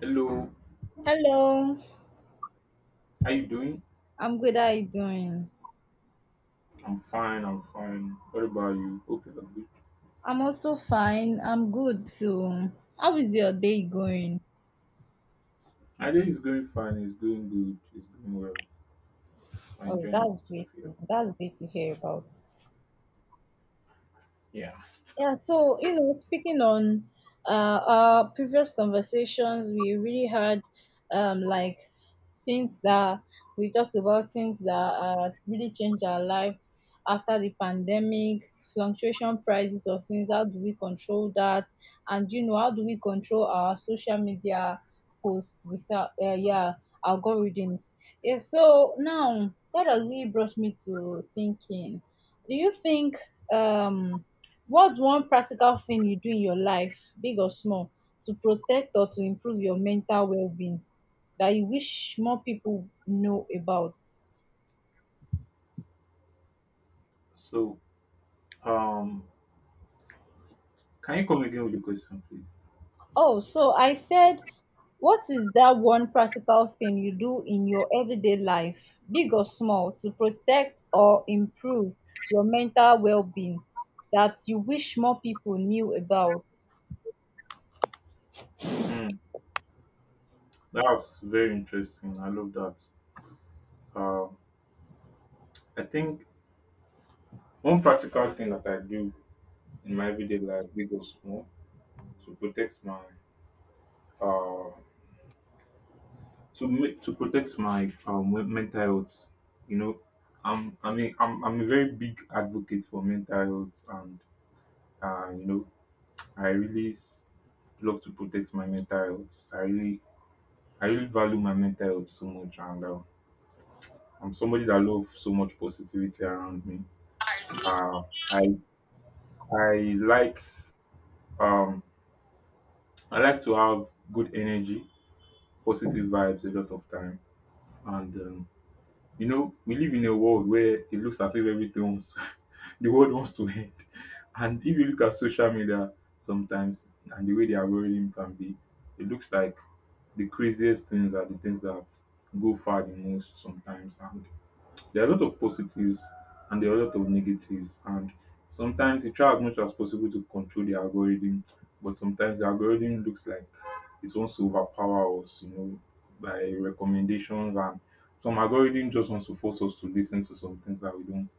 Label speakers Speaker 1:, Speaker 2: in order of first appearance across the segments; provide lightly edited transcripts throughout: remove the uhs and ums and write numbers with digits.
Speaker 1: Hello,
Speaker 2: Hello,
Speaker 1: how you doing?
Speaker 2: I'm good. How you doing?
Speaker 1: I'm fine, I'm fine. What about you? Hope you're good.
Speaker 2: I'm also fine. I'm good too. How is your day going?
Speaker 1: My day is going fine, it's going good, it's going well. I'm
Speaker 2: Oh,
Speaker 1: enjoying
Speaker 2: that's
Speaker 1: myself
Speaker 2: great.
Speaker 1: here.
Speaker 2: That's great to hear about.
Speaker 1: Yeah.
Speaker 2: Yeah, so you know, speaking on our previous conversations, we really had like, things that we talked about things that really changed our life after the pandemic, fluctuation prices of things. How do we control that? And you know, how do we control our social media posts without yeah, algorithms? Yeah, so now that has really brought me to thinking. Do you think, um what's one practical thing you do in your life, big or small, to protect or to improve your mental well-being that you wish more people know about?
Speaker 1: So, um, can you come again with the question, please?
Speaker 2: Oh, so I said, what is that one practical thing you do in your everyday life, big or small, to protect or improve your mental well-being that you wish more people knew about?
Speaker 1: Hmm, that's very interesting. I love that. Um, I think one practical thing that I do in my everyday life, big or small, to protect my uh to make to protect my mental health, you know, I'm I mean I'm a very big advocate for mental health, and you know, i really s- love to protect my mental health. I really value my mental health so much. And I'm somebody that loves so much positivity around me. uh i i like um I like to have good energy, positive vibes a lot of time. And you know, we live in a world where it looks as if everything wants the world wants to end. And if you look at social media sometimes and the way the algorithm can be, it looks like the craziest things are the things that go far the most sometimes. And there are a lot of positives and there are a lot of negatives. And sometimes you try as much as possible to control the algorithm, but sometimes the algorithm looks like it wants to overpower us, you know, by recommendations and some algorithm just wants to force us to listen to some things that we don't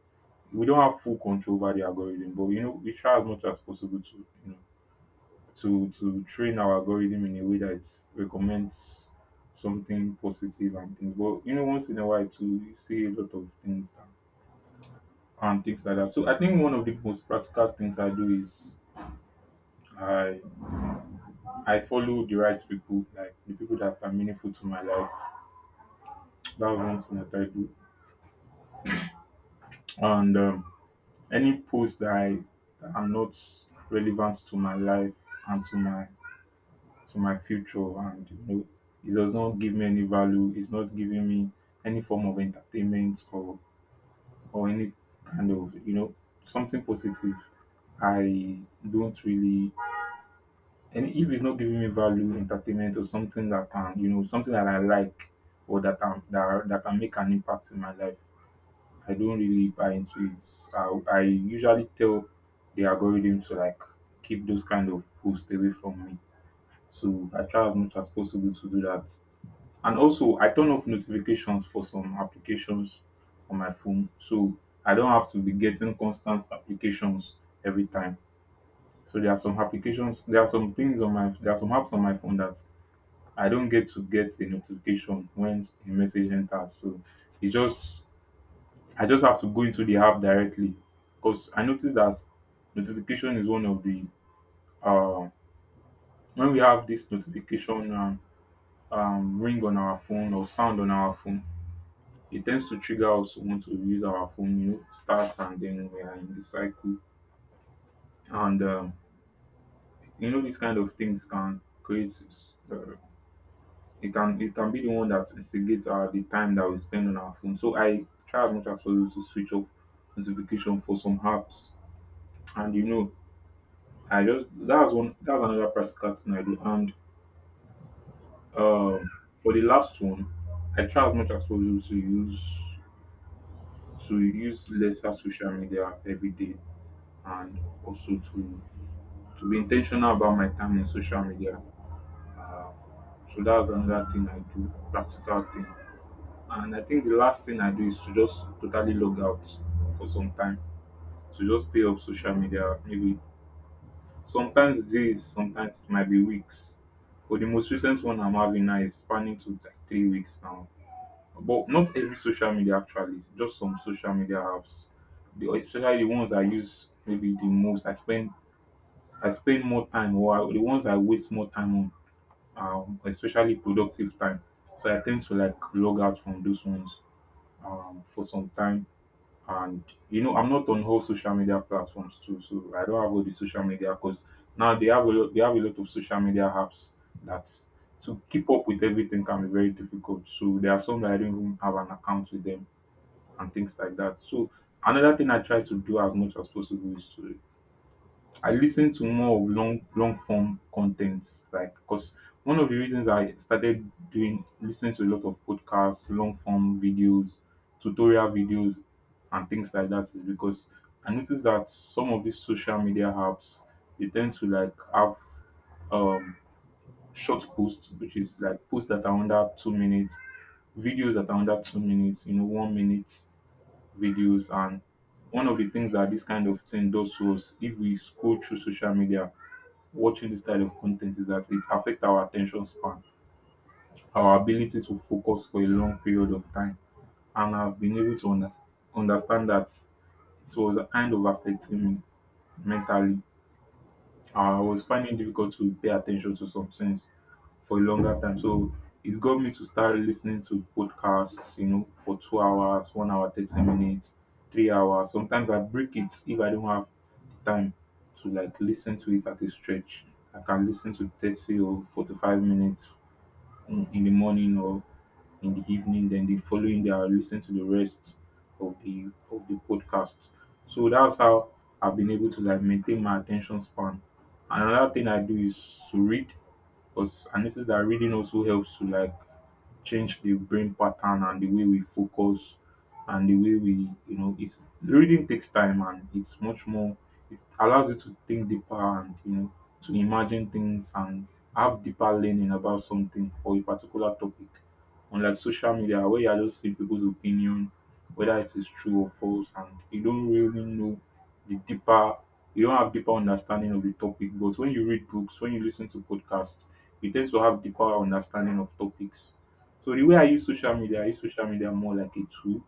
Speaker 1: we don't have full control over the algorithm, but you know, we try as much as possible to, you know, to train our algorithm in a way that it recommends something positive and things. But you know, once in a while too, you see a lot of things and things like that. So I think one of the most practical things I do is I I follow the right people, like the people that are meaningful to my life. That was one thing that I do. And any post that are not relevant to my life and to my future, and you know, it does not give me any value. It's not giving me any form of entertainment or any kind of, you know, something positive. I don't really And if it's not giving me value, entertainment, or something that, can something that I like or that can that can make an impact in my life, I don't really buy into it. I usually tell the algorithm to like keep those kind of posts away from me. So I try as much as possible to do that. And also, I turn off notifications for some applications on my phone. So I don't have to be getting constant applications every time. So there are some applications, there are some things on my, there are some apps on my phone that I don't get to get a notification when a message enters. So it just I just have to go into the app directly, because I noticed that notification is one of the uh when we have this notification ring on our phone or sound on our phone, it tends to trigger us to want to use our phone, you know, start and then we are in the cycle. And you know, these kind of things can create uh, it can be the one that instigates the time that we spend on our phone. So I try as much as possible to switch off notification for some apps, and you know, I just that was one that was another practical thing I do. And um for the last one, I try as much as possible to use lesser social media every day, and also to be intentional about my time in social media. Um, so that's another thing I do, practical thing. And I think the last thing I do is to just totally log out for some time. To just stay off social media, maybe sometimes days, sometimes it might be weeks. But the most recent one I'm having now is spanning to like 3 weeks now. But not every social media actually, just some social media apps. Especially the ones I use maybe the most. I spend more time, the ones I waste more time on, especially productive time. So I tend to like log out from those ones for some time. And you know, I'm not on all social media platforms too, so I don't have all the social media, because now they have a lot, they have a lot of social media apps that to keep up with everything can be very difficult. So there are some that I don't even have an account with them and things like that. So another thing I try to do as much as possible is to I listen to more of long long form content, like because one of the reasons I started doing listening to a lot of podcasts, long form videos, tutorial videos, and things like that is because I noticed that some of these social media apps, they tend to like have um short posts, which is like posts that are under 2 minutes, videos that are under 2 minutes, you know, 1 minute videos. And one of the things that this kind of thing does to us if we scroll through social media watching this kind of content is that it affects our attention span, our ability to focus for a long period of time. And I've been able to under- understand that it was a kind of affecting me mentally. I was finding it difficult to pay attention to some things for a longer time. So it got me to start listening to podcasts, you know, for 2 hours, 1 hour, 30 minutes, 3 hours. Sometimes I break it if I don't have the time to like listen to it at a stretch. I can listen to 30 or 45 minutes in the morning or in the evening. Then the following day, I'll listen to the rest of the podcast. So that's how I've been able to like maintain my attention span. Another thing I do is to read, because I notice that reading also helps to like change the brain pattern and the way we focus and the way we, you know, it's reading takes time, and it's much more, it allows you to think deeper and, you know, to imagine things and have deeper learning about something or a particular topic. Unlike social media where you are just seeing people's opinion, whether it is true or false, and you don't really know the deeper, you don't have deeper understanding of the topic. But when you read books, when you listen to podcasts, you tend to have deeper understanding of topics. So the way I use social media, I use social media more like a tool.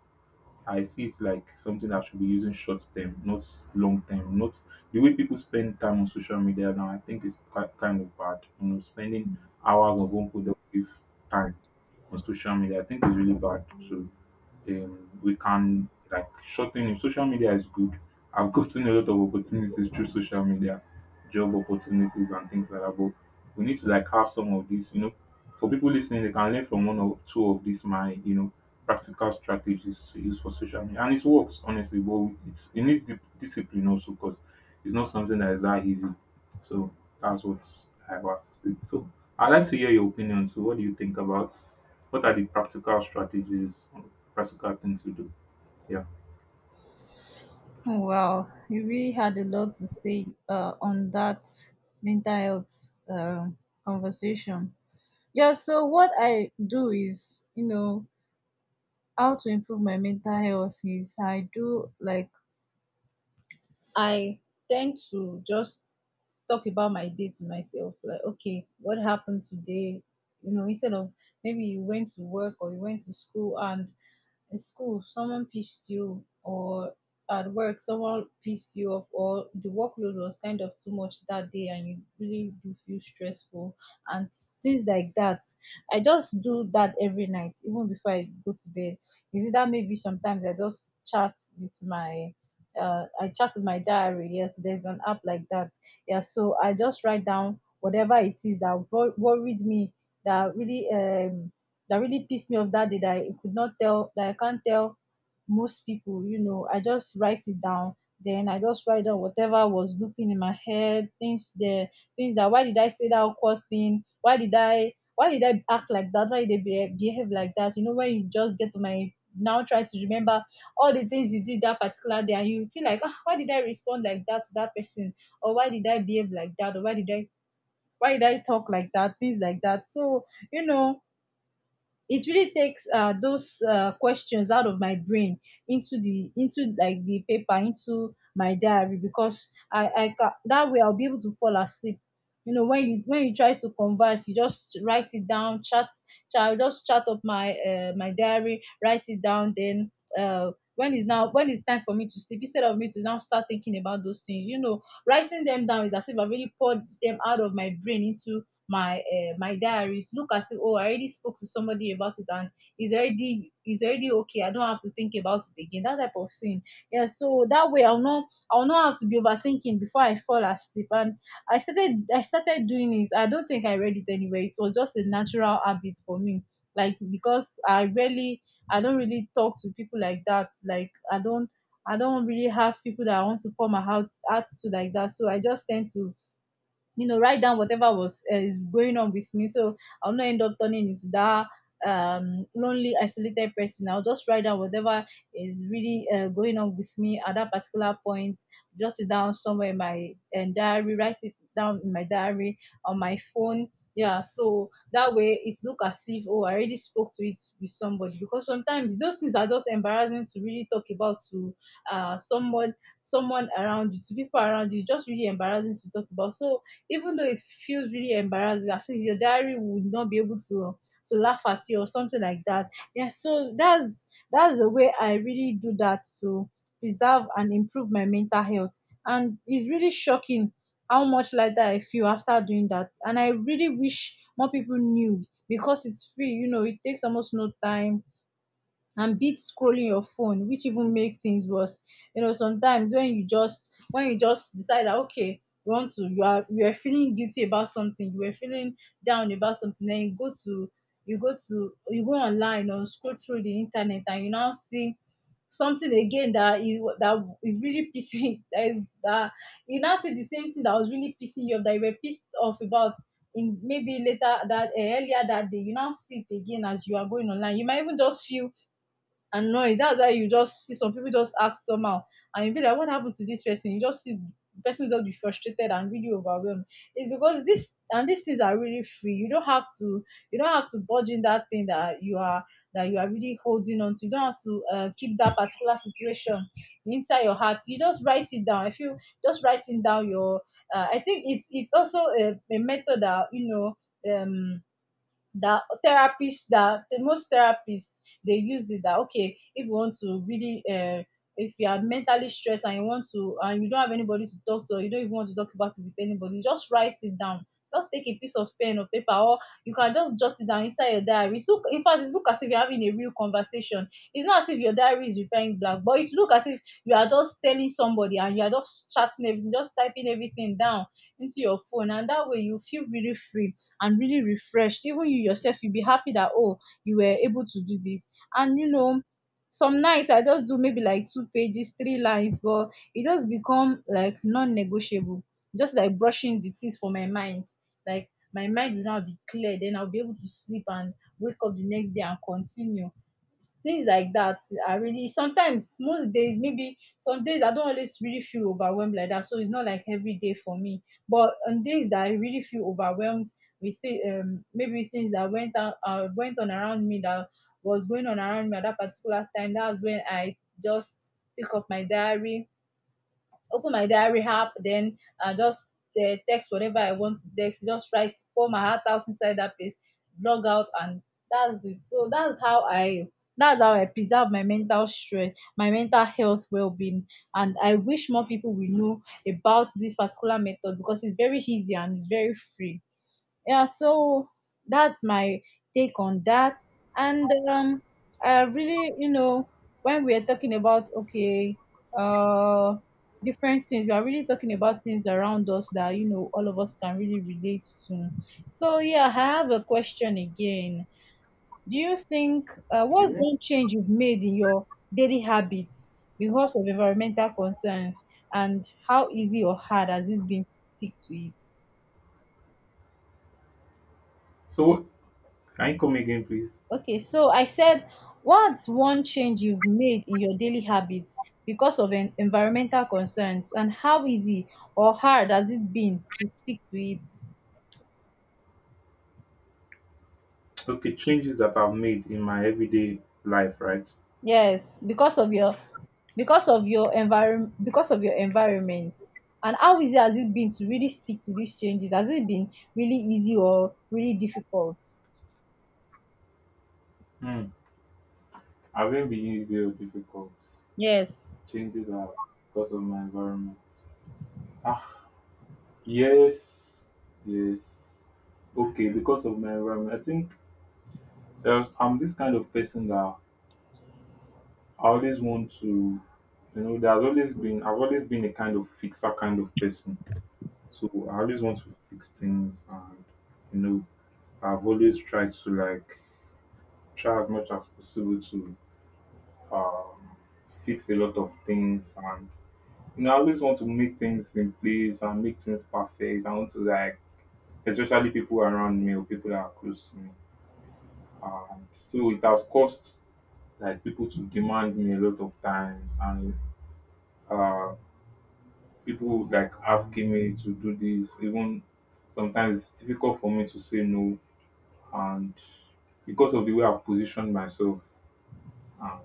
Speaker 1: I see it like something I should be using short term, not long term. Not the way people spend time on social media now. I think it's quite kind of bad. You know, spending hours of unproductive time on social media, I think it's really bad. So we can like shorten it. Social media is good. I've gotten a lot of opportunities through social media, job opportunities and things like that. But we need to like have some of this, you know, for people listening, they can learn from one or two of these my, you know, practical strategies to use for social media. And it works honestly, but it needs discipline also, because it's not something that is that easy. So that's what I have to say. So I'd like to hear your opinion. So what do you think about what are the practical strategies practical things we do. Yeah.
Speaker 2: Oh, wow, you really had a lot to say on that mental health conversation. Yeah, so what I do is, you know, how to improve my mental health is, I do like, I tend to just talk about my day to myself, like, okay, what happened today? You know, instead of, maybe you went to work or you went to school, and in school someone pissed you, or at work someone pissed you off, or the workload was kind of too much that day and you really do feel stressful and things like that. I just do that every night, even before I go to bed. Is it that maybe sometimes I just chat with my, I chat with my diary. Yes, there's an app like that. Yeah, so I just write down whatever it is that worried me, that really that really pissed me off that day, that I could not tell, that I can't tell most people, you know, I just write it down. Then I just write down whatever was looping in my head, things there, things that, why did I say that awkward thing? Why did I act like that? Why did I behave like that? You know, when you just get to my, now try to remember all the things you did that particular day and you feel like, ah, why did I respond like that to that person? Or why did I behave like that? Or why did I talk like that? Things like that. So, you know, it really takes those questions out of my brain into the, into like the paper, into my diary, because that way I'll be able to fall asleep. You know, when you, when you try to converse, you just write it down. Just chat up my, my diary, write it down. Then when is now, when it's time for me to sleep, instead of me to now start thinking about those things, you know, writing them down is as if I really poured them out of my brain into my, my diary, to look as if, oh, I already spoke to somebody about it, and it's already, it's already okay, I don't have to think about it again, that type of thing. Yeah, so that way I'll not have to be overthinking before I fall asleep. And I started doing it. I don't think I read it anywhere, it was just a natural habit for me, like, because I really, I don't really talk to people like that. Like, I don't really have people that I want to pour my heart out to like that. So I just tend to, you know, write down whatever was, is going on with me, so I'll not end up turning into that lonely, isolated person. I'll just write down whatever is really, going on with me at that particular point, jot it down somewhere in my, diary, write it down in my diary on my phone. Yeah, so that way it's look as if, oh, I already spoke to it with somebody, because sometimes those things are just embarrassing to really talk about to, someone, someone around you, to people around you. It's just really embarrassing to talk about. So even though it feels really embarrassing, at least your diary would not be able to laugh at you or something like that. Yeah, so that's the way I really do that, to preserve and improve my mental health. And it's really shocking how much lighter I feel after doing that, and I really wish more people knew, because it's free, you know, it takes almost no time, and beat scrolling your phone, which even make things worse. You know, sometimes when you just, when you just decide that, okay, you want to, you are, you are feeling guilty about something, you were feeling down about something, then you go to, you go to, you go online or scroll through the internet, and you now see something again that is really pissing that, that, you now see the same thing that was really pissing you off, that you were pissed off about, in maybe later, that earlier that day, you now see it again. As you are going online, you might even just feel annoyed. That's why you just see some people just act somehow, and you be like, what happened to this person? You just see the person just be frustrated and really overwhelmed. It's because this, and these things are really free. You don't have to, you don't have to budge in that thing that you are, that you are really holding on to. You don't have to, keep that particular situation inside your heart. You just write it down. If you, just writing down your, I think it's also a method that, you know, um that therapists, that the most therapists, they use it, that okay, if you want to really, if you are mentally stressed and you want to, and you don't have anybody to talk to, or you don't even want to talk about it with anybody, just write it down. Just take a piece of pen or paper, or you can just jot it down inside your diary. It's look, in fact it look as if you're having a real conversation. It's not as if your diary is replying blank, but it look as if you are just telling somebody, and you are just chatting everything, just typing everything down into your phone. And that way you feel really free and really refreshed. Even you yourself, you'll be happy that, oh, you were able to do this. And you know, some nights I just do maybe like two pages, three lines, but it just become like non-negotiable, just like brushing the things for my mind. Like, my mind will now be clear, then I'll be able to sleep and wake up the next day and continue. Things like that are really, sometimes, most days, maybe some days I don't always really feel overwhelmed like that, so it's not like every day for me. But on days that I really feel overwhelmed, we see maybe things that went on around me, that was going on around me at that particular time, that was when I just pick up my diary, open my diary app, then I just, text whatever I want to text, just write, pour my heart out inside that place, log out, and that's it. So that's how I preserve my mental strength, my mental health well-being, and I wish more people will know about this particular method, because it's very easy and it's very free. Yeah, so that's my take on that. And I really, you know, when we are talking about, okay, uh, different things, we are really talking about things around us that, you know, all of us can really relate to. So yeah, I have a question again. Do you think, what's
Speaker 1: Okay.
Speaker 2: one change you've made in your daily habits because of environmental concerns, and how easy or hard has it been to stick to it?
Speaker 1: So can you come again, please?
Speaker 2: Okay, so I said, what's one change you've made in your daily habits because of environmental concerns, and how easy or hard has it been to stick to it?
Speaker 1: Okay, changes that I've made in my everyday life, right?
Speaker 2: Yes, because of your, because of your environment, because of your environment. And how easy has it been to really stick to these changes? Has it been really easy or really difficult?
Speaker 1: Hmm. Hasn't been easy or difficult.
Speaker 2: Yes.
Speaker 1: Changes are because of my environment. Ah, yes, yes. Okay, because of my environment. I think I'm this kind of person that I always want to, you know, I've always been a kind of fixer kind of person. So I always want to fix things and, you know, I've always tried to like try as much as possible to um, fix a lot of things. And you know, I always want to make things in place and make things perfect. I want to like, especially people around me or people that are close to me. And so it has caused like people to demand me a lot of times, and uh people like asking me to do this. Even sometimes it's difficult for me to say no, and because of the way I've positioned myself um,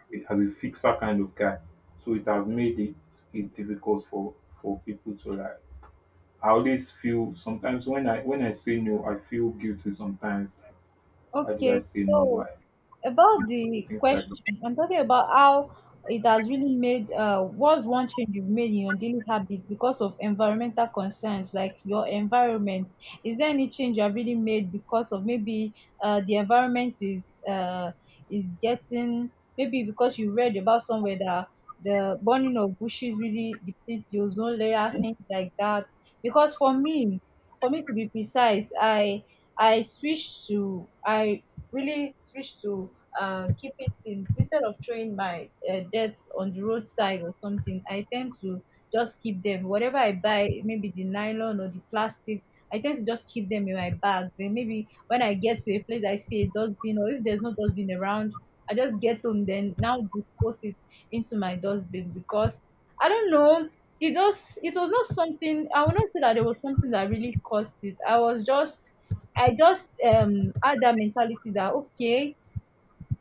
Speaker 1: as a fixer kind of guy. So it has made it difficult for people to like. I always feel sometimes when I say no, I feel guilty sometimes. Like, why did
Speaker 2: Okay,
Speaker 1: I say
Speaker 2: so
Speaker 1: no? Why,
Speaker 2: about the
Speaker 1: things like that.
Speaker 2: question, I'm talking about how it has really made, what's one change you've made in your daily habits because of environmental concerns, like your environment. Is there any change you have really made because of maybe the environment is getting maybe because you read about somewhere that the burning of bushes really depletes the ozone layer, things like that. Because for me to be precise, I switched to I really switch to keeping things instead of throwing my debts on the roadside or something. I tend to just keep them. Whatever I buy, maybe the nylon or the plastic, I tend to just keep them in my bag. Then maybe when I get to a place, I see a dustbin, or if there's no dustbin around, I just get home then now dispose it into my dustbin because I don't know. It was not something. I will not say that it was something that really caused it. I was just I just had that mentality that okay,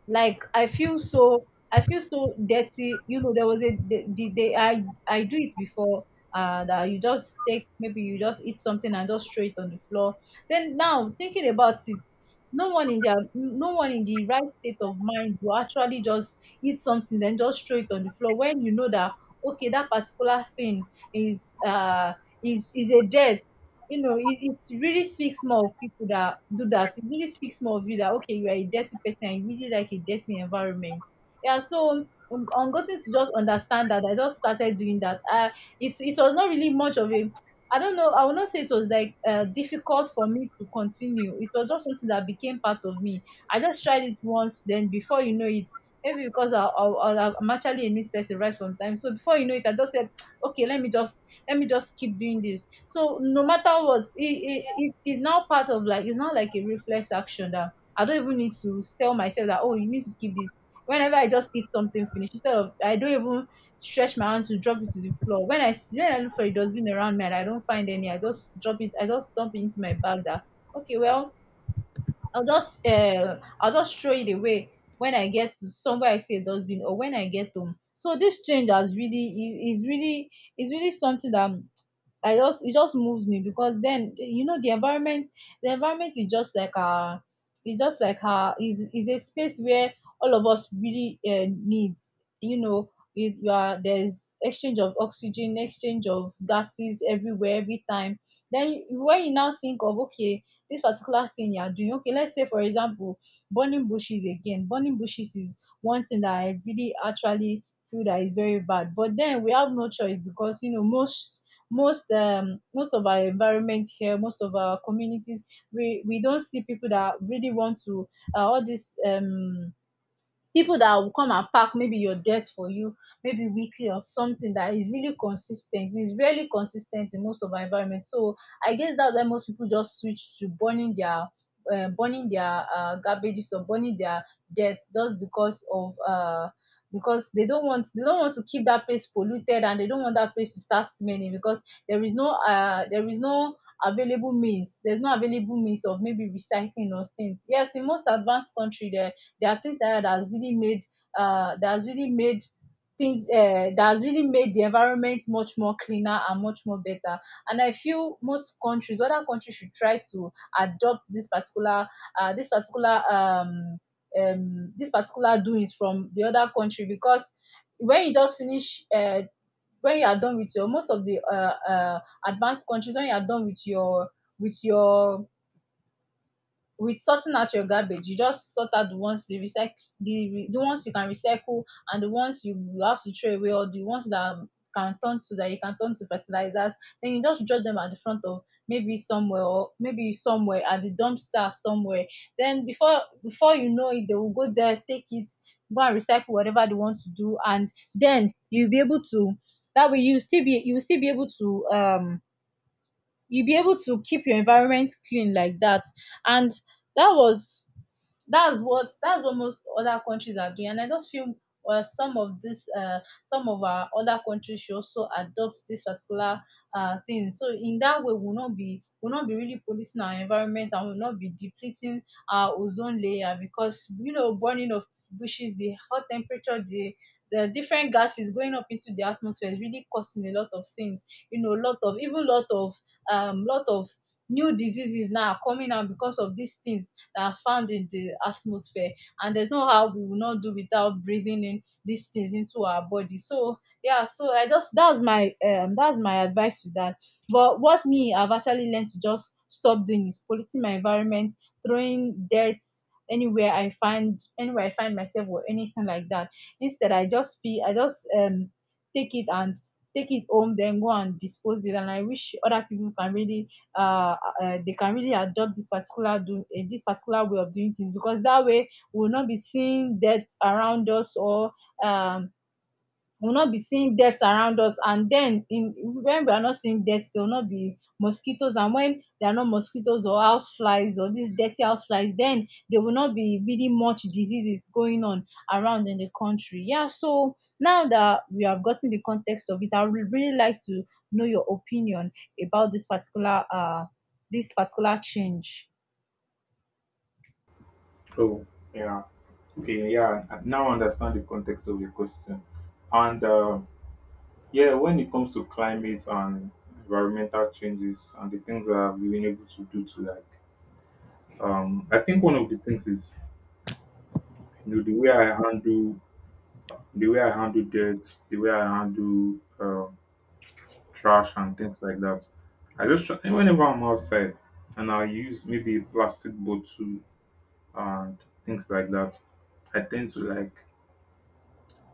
Speaker 2: like I feel so dirty. You know, there was the day I do it before that you just take maybe you just eat something and just throw it on the floor. Then now thinking about it, no one in the right state of mind will actually just eat something then just throw it on the floor when you know that okay, that particular thing is is a debt. You know, it really speaks more of people that do that. It really speaks more of you that okay, you are a dirty person and you really like a dirty environment. Yeah, so I'm getting to just understand that I just started doing that. It was not really much of a, I don't know, I will not say it was like difficult for me to continue. It was just something that became part of me. I just tried it once, then before you know it, maybe because I'm actually a neat person right from time. So before you know it, I just said, okay, let me just keep doing this. So no matter what, it is now part of, like, it's not like a reflex action that I don't even need to tell myself that, oh, you need to keep this whenever I just eat something finished, instead of I don't even stretch my hands to drop it to the floor. When I see when I look for a dustbin around me and I don't find any, I just drop it, I just dump it into my bag. That okay, well, I'll just throw it away when I get to somewhere I see a dustbin or when I get home. So this change has really is really something that I just, it just moves me, because then you know the environment, the environment is just like a, it's just like a, is a space where all of us really needs, you know, is you are, there's exchange of oxygen, exchange of gases everywhere every time. Then when you now think of, okay, this particular thing you are doing, okay, let's say for example, burning bushes. Again, burning bushes is one thing that I really actually feel that is very bad, but then we have no choice because you know most most of our environment here, most of our communities, we don't see people that really want to all this people that will come and pack maybe your debt for you maybe weekly or something that is really consistent. It's t is really consis In most of our environment. So I guess that's why most people just switch to burning their garbages or burning their debt just because of because they don't want to keep that place polluted, and they don't want that place to start smelling, because there is no available means there's no available means of maybe recycling or things. Yes, in most advanced country, there are things that has really made that has really made things that has really made the environment much more cleaner and much more better. And I feel most countries, other countries, should try to adopt this particular uh, this particular um, this particular doings from the other country. Because when you just finish when you are done with your most of the advanced countries, when you are done with your with your with sorting out your garbage, you just sort out the ones, the ones you can recycle, and the ones you have to throw away, or the ones that can turn to that you can turn to fertilizers. Then you just drop them at the front of maybe somewhere, or maybe somewhere at the dumpster somewhere. Then before you know it, they will go there, take it, go and recycle whatever they want to do, and then you'll be able to, that way you still be you will still be able to you'll be able to keep your environment clean like that. And that was that's what, that's what most other countries are doing, and I just feel some of this some of our other countries should also adopt this particular thing. So in that way, we'll not be will not be really policing our environment, and will not be depleting our ozone layer. Because you know, burning of bushes, the hot temperature, the different gases going up into the atmosphere is really causing a lot of things. You know, a lot of, even lot of um lot of new diseases now are coming out because of these things that are found in the atmosphere. And there's no how we will not do without breathing in these things into our body. So yeah, so I just, that's my advice to that. But what me, I've actually learned to just stop doing is polluting my environment, throwing dirt anywhere I find myself, or anything like that. Instead, I just take it and take it home, then go and dispose it. And I wish other people can really uh, they can really adopt this particular this particular way of doing things, because that way we will not be seeing deaths around us. Or um, we will not be seeing death around us, and then in when we are not seeing death, there will not be mosquitoes, and when there are no mosquitoes or house flies or these dirty house flies, then there will not be really much diseases going on around in the country. Yeah, so now that we have gotten the context of it, I would really like to know your opinion about this particular change.
Speaker 1: Oh, yeah, okay, yeah. I now understand the context of your question, and yeah, when it comes to climate and environmental changes and the things that I've been able to do to like, I think one of the things is, you know, the way I handle debt, the way I handle trash and things like that. I just try, and whenever I'm outside and I use maybe a plastic bottle and things like that, I tend to like,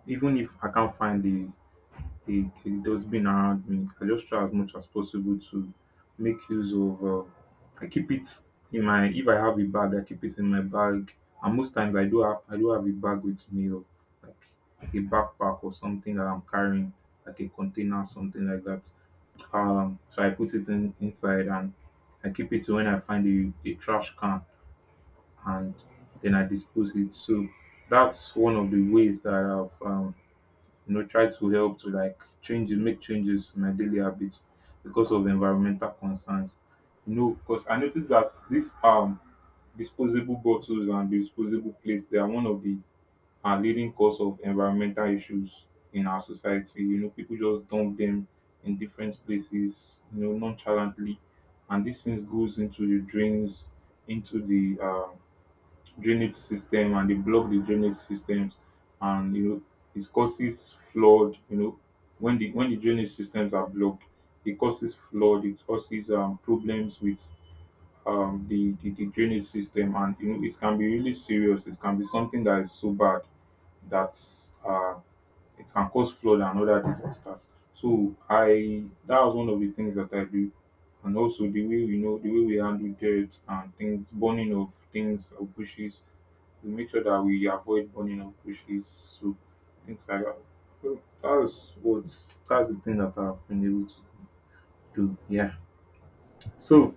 Speaker 1: even if I can't find the it a being around me. I just try as much as possible to make use of. I keep it in my, if I have a bag, I keep it in my bag, and most times I do have, a bag with me, or like a backpack or something that I'm carrying, like a container, something like that. So I put it in inside, and I keep it till when I find a trash can, and then I dispose it. So that's one of the ways that I've, you know, try to help to like change, make changes in my daily habits because of environmental concerns. You know, because I noticed that these disposable bottles and disposable plates, they are one of the leading cause of environmental issues in our society. You know, people just dump them in different places, you know, nonchalantly, and these things goes into the drains, into the drainage system, and they block the drainage systems. And you know, it causes flood. You know, when the drainage systems are blocked, it causes flood, it causes problems with the drainage system. And you know, it can be really serious, it can be something that is so bad that, uh, it can cause flood and other disasters. So I, that was one of the things that I do. And also the way we know, the way we handle dirt and things, burning of things of bushes, we make sure that we avoid burning up bushes, so things like that. So that's what, that's the thing that I've been able to do. Yeah. So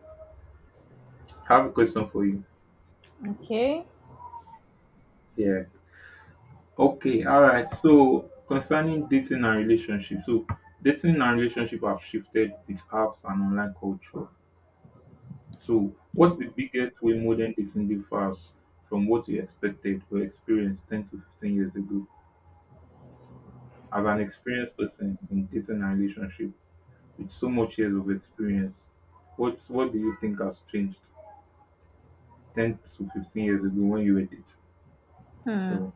Speaker 1: I have a question for you.
Speaker 2: Okay.
Speaker 1: Yeah. Okay. All right. So concerning dating and relationship, so dating and relationship have shifted with apps and online culture. So what's the biggest way modern dating differs from what you expected or experienced 10 to 15 years ago? As an experienced person in dating and relationship, with so much years of experience, what do you think has changed 10 to 15 years ago when you were dating?
Speaker 2: Hmm.
Speaker 1: So,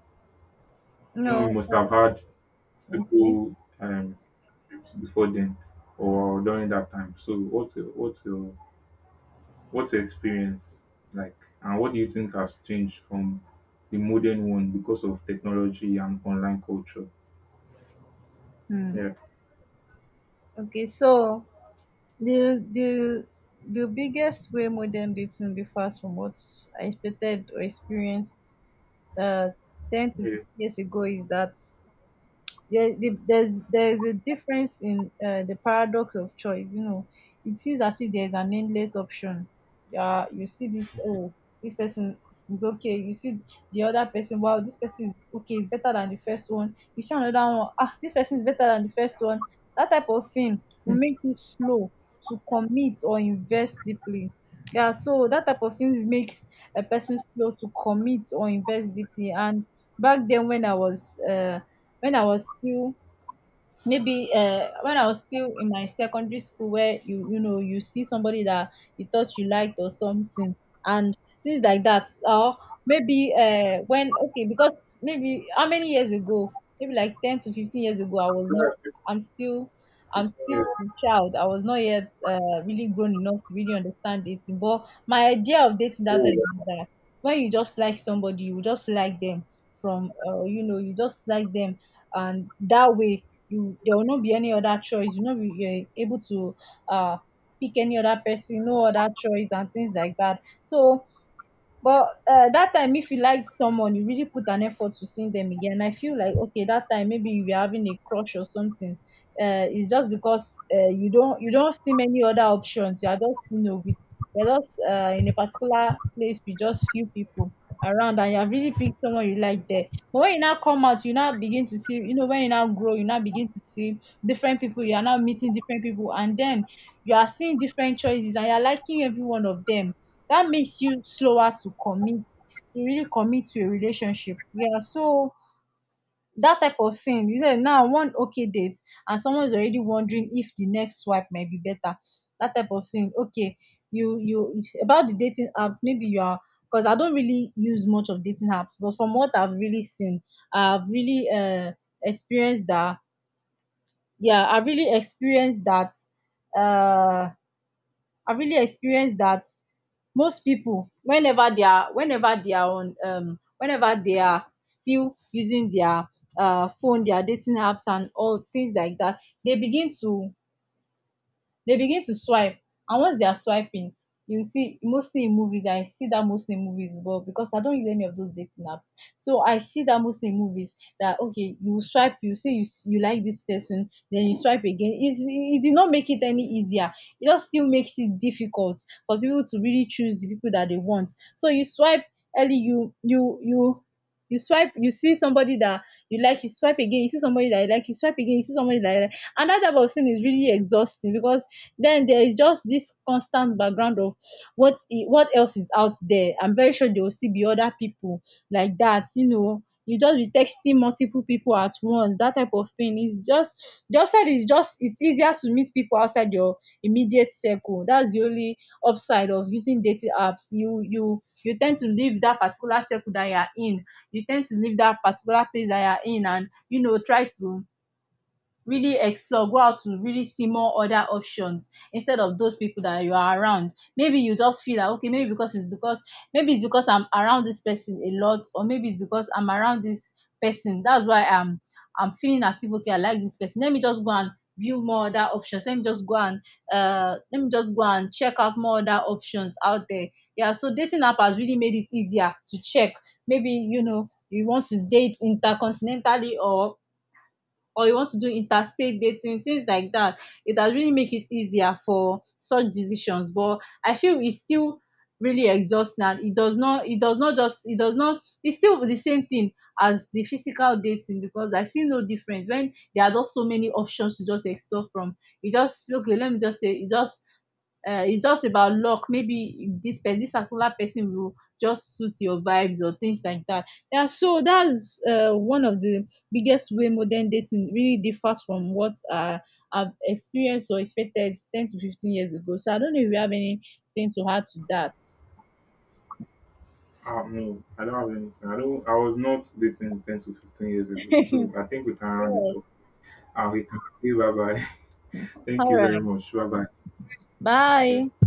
Speaker 1: no, you
Speaker 2: No.
Speaker 1: must have had
Speaker 2: Okay.
Speaker 1: people, relationships before then or during that time. So what's your, what's your experience like, and what do you think has changed from the modern one because of technology and online culture?
Speaker 2: Hmm.
Speaker 1: Yeah.
Speaker 2: Okay, so The the the biggest way modern dating differs from what I expected or experienced uh, 10 to
Speaker 1: Yeah.
Speaker 2: 15 years ago is that there's a difference in the paradox of choice, you know. It feels as if there's an endless option. Yeah, you see this, oh, this person is okay, you see the other person, wow, this person is okay, it's better than the first one, you see another one, ah, this person is better than the first one. That type of thing will make you slow to commit or invest deeply. Yeah, so that type of things makes a person slow to commit or invest deeply. And back then when I was when I was still maybe when I was still in my secondary school, where you know, you see somebody that you thought you liked or something, and things like that. Or maybe when, okay, because maybe how many years ago, maybe like 10 to 15 years ago, I was not,
Speaker 1: Yeah,
Speaker 2: I'm still
Speaker 1: 15
Speaker 2: I'm
Speaker 1: years.
Speaker 2: still a child. I was not yet really grown enough to really understand dating. But my idea of dating that
Speaker 1: Oh.
Speaker 2: time was that when you just like somebody, you just like them from you know, you just like them. And that way you, there will not be any other choice, you know, you're able to uh pick any other person, no other choice, and things like that. So but that time, if you liked someone, you really put an effort to seeing them again. I feel like, okay, that time maybe you were having a crush or something. It's just because you don't see many other options. You are just, you know, with you're just in a particular place with just few people around, and you have really picked someone you like there. But when you now come out, you now begin to see, you know, when you now grow, you now begin to see different people. You are now meeting different people, and then you are seeing different choices, and you are liking every one of them. That makes you slower to commit, to really commit to a relationship, yeah. So that type of thing, you say now one okay date and someone is already wondering if the next swipe might be better. That type of thing, okay. You about the dating apps, maybe you are, because I don't really use much of dating apps, but from what I've really seen, I've really experienced that. Yeah, I've really experienced that. uh I've really experienced that. Most people, whenever they are on, whenever they are still using their phone, their dating apps, and all things like that, they begin to they begin to swipe. And once they are swiping, you see mostly in movies, I see that mostly in movies, but because I don't use any of those dating apps, so I see that mostly in movies, that okay, you swipe, you see, you like this person, then you swipe again. It did not make it any easier, it just still makes it difficult for people to really choose the people that they want. So you swipe early, you swipe, you see somebody that you like, you swipe again, you see somebody that you like, you swipe again, you see somebody that you like, and that type of thing is really exhausting, because then there is just this constant background of what else is out there. I'm very sure there will still be other people like that, you know, you just be texting multiple people at once. That type of thing is just, the upside is just, it's easier to meet people outside your immediate circle. That's the only upside of using dating apps. You tend to leave that particular circle that you are in, you tend to leave that particular place that you are in and, you know, try to really explore, go out to really see more other options instead of those people that you are around. Maybe you just feel that okay, maybe because it's because maybe it's because I'm around this person a lot, or maybe it's because I'm around this person, that's why I'm feeling as if okay, I like this person, let me just go and view more other options, let me just go and check out more other options out there. Yeah, so dating app has really made it easier to check, maybe, you know, you want to date intercontinentally, or you want to do interstate dating, things like that. It has really make it easier for such decisions, but I feel it's still really exhausting, and it does not, it's still the same thing as the physical dating, because I see no difference when there are just so many options to just explore from. You just, okay, let me just say, it's just about luck. Maybe this particular person will just suit your vibes or things like that. Yeah, so that's one of the biggest way modern dating really differs from what I've experienced or expected 10 to 15 years ago. So I don't know if you have anything to add to that.
Speaker 1: No, I don't have anything. I don't. I was not dating 10 to 15 years ago, so I think we can round it
Speaker 2: Yes.
Speaker 1: up. We can say bye bye. Thank
Speaker 2: All
Speaker 1: you very
Speaker 2: right.
Speaker 1: much. Bye bye.
Speaker 2: Bye.
Speaker 1: Yeah.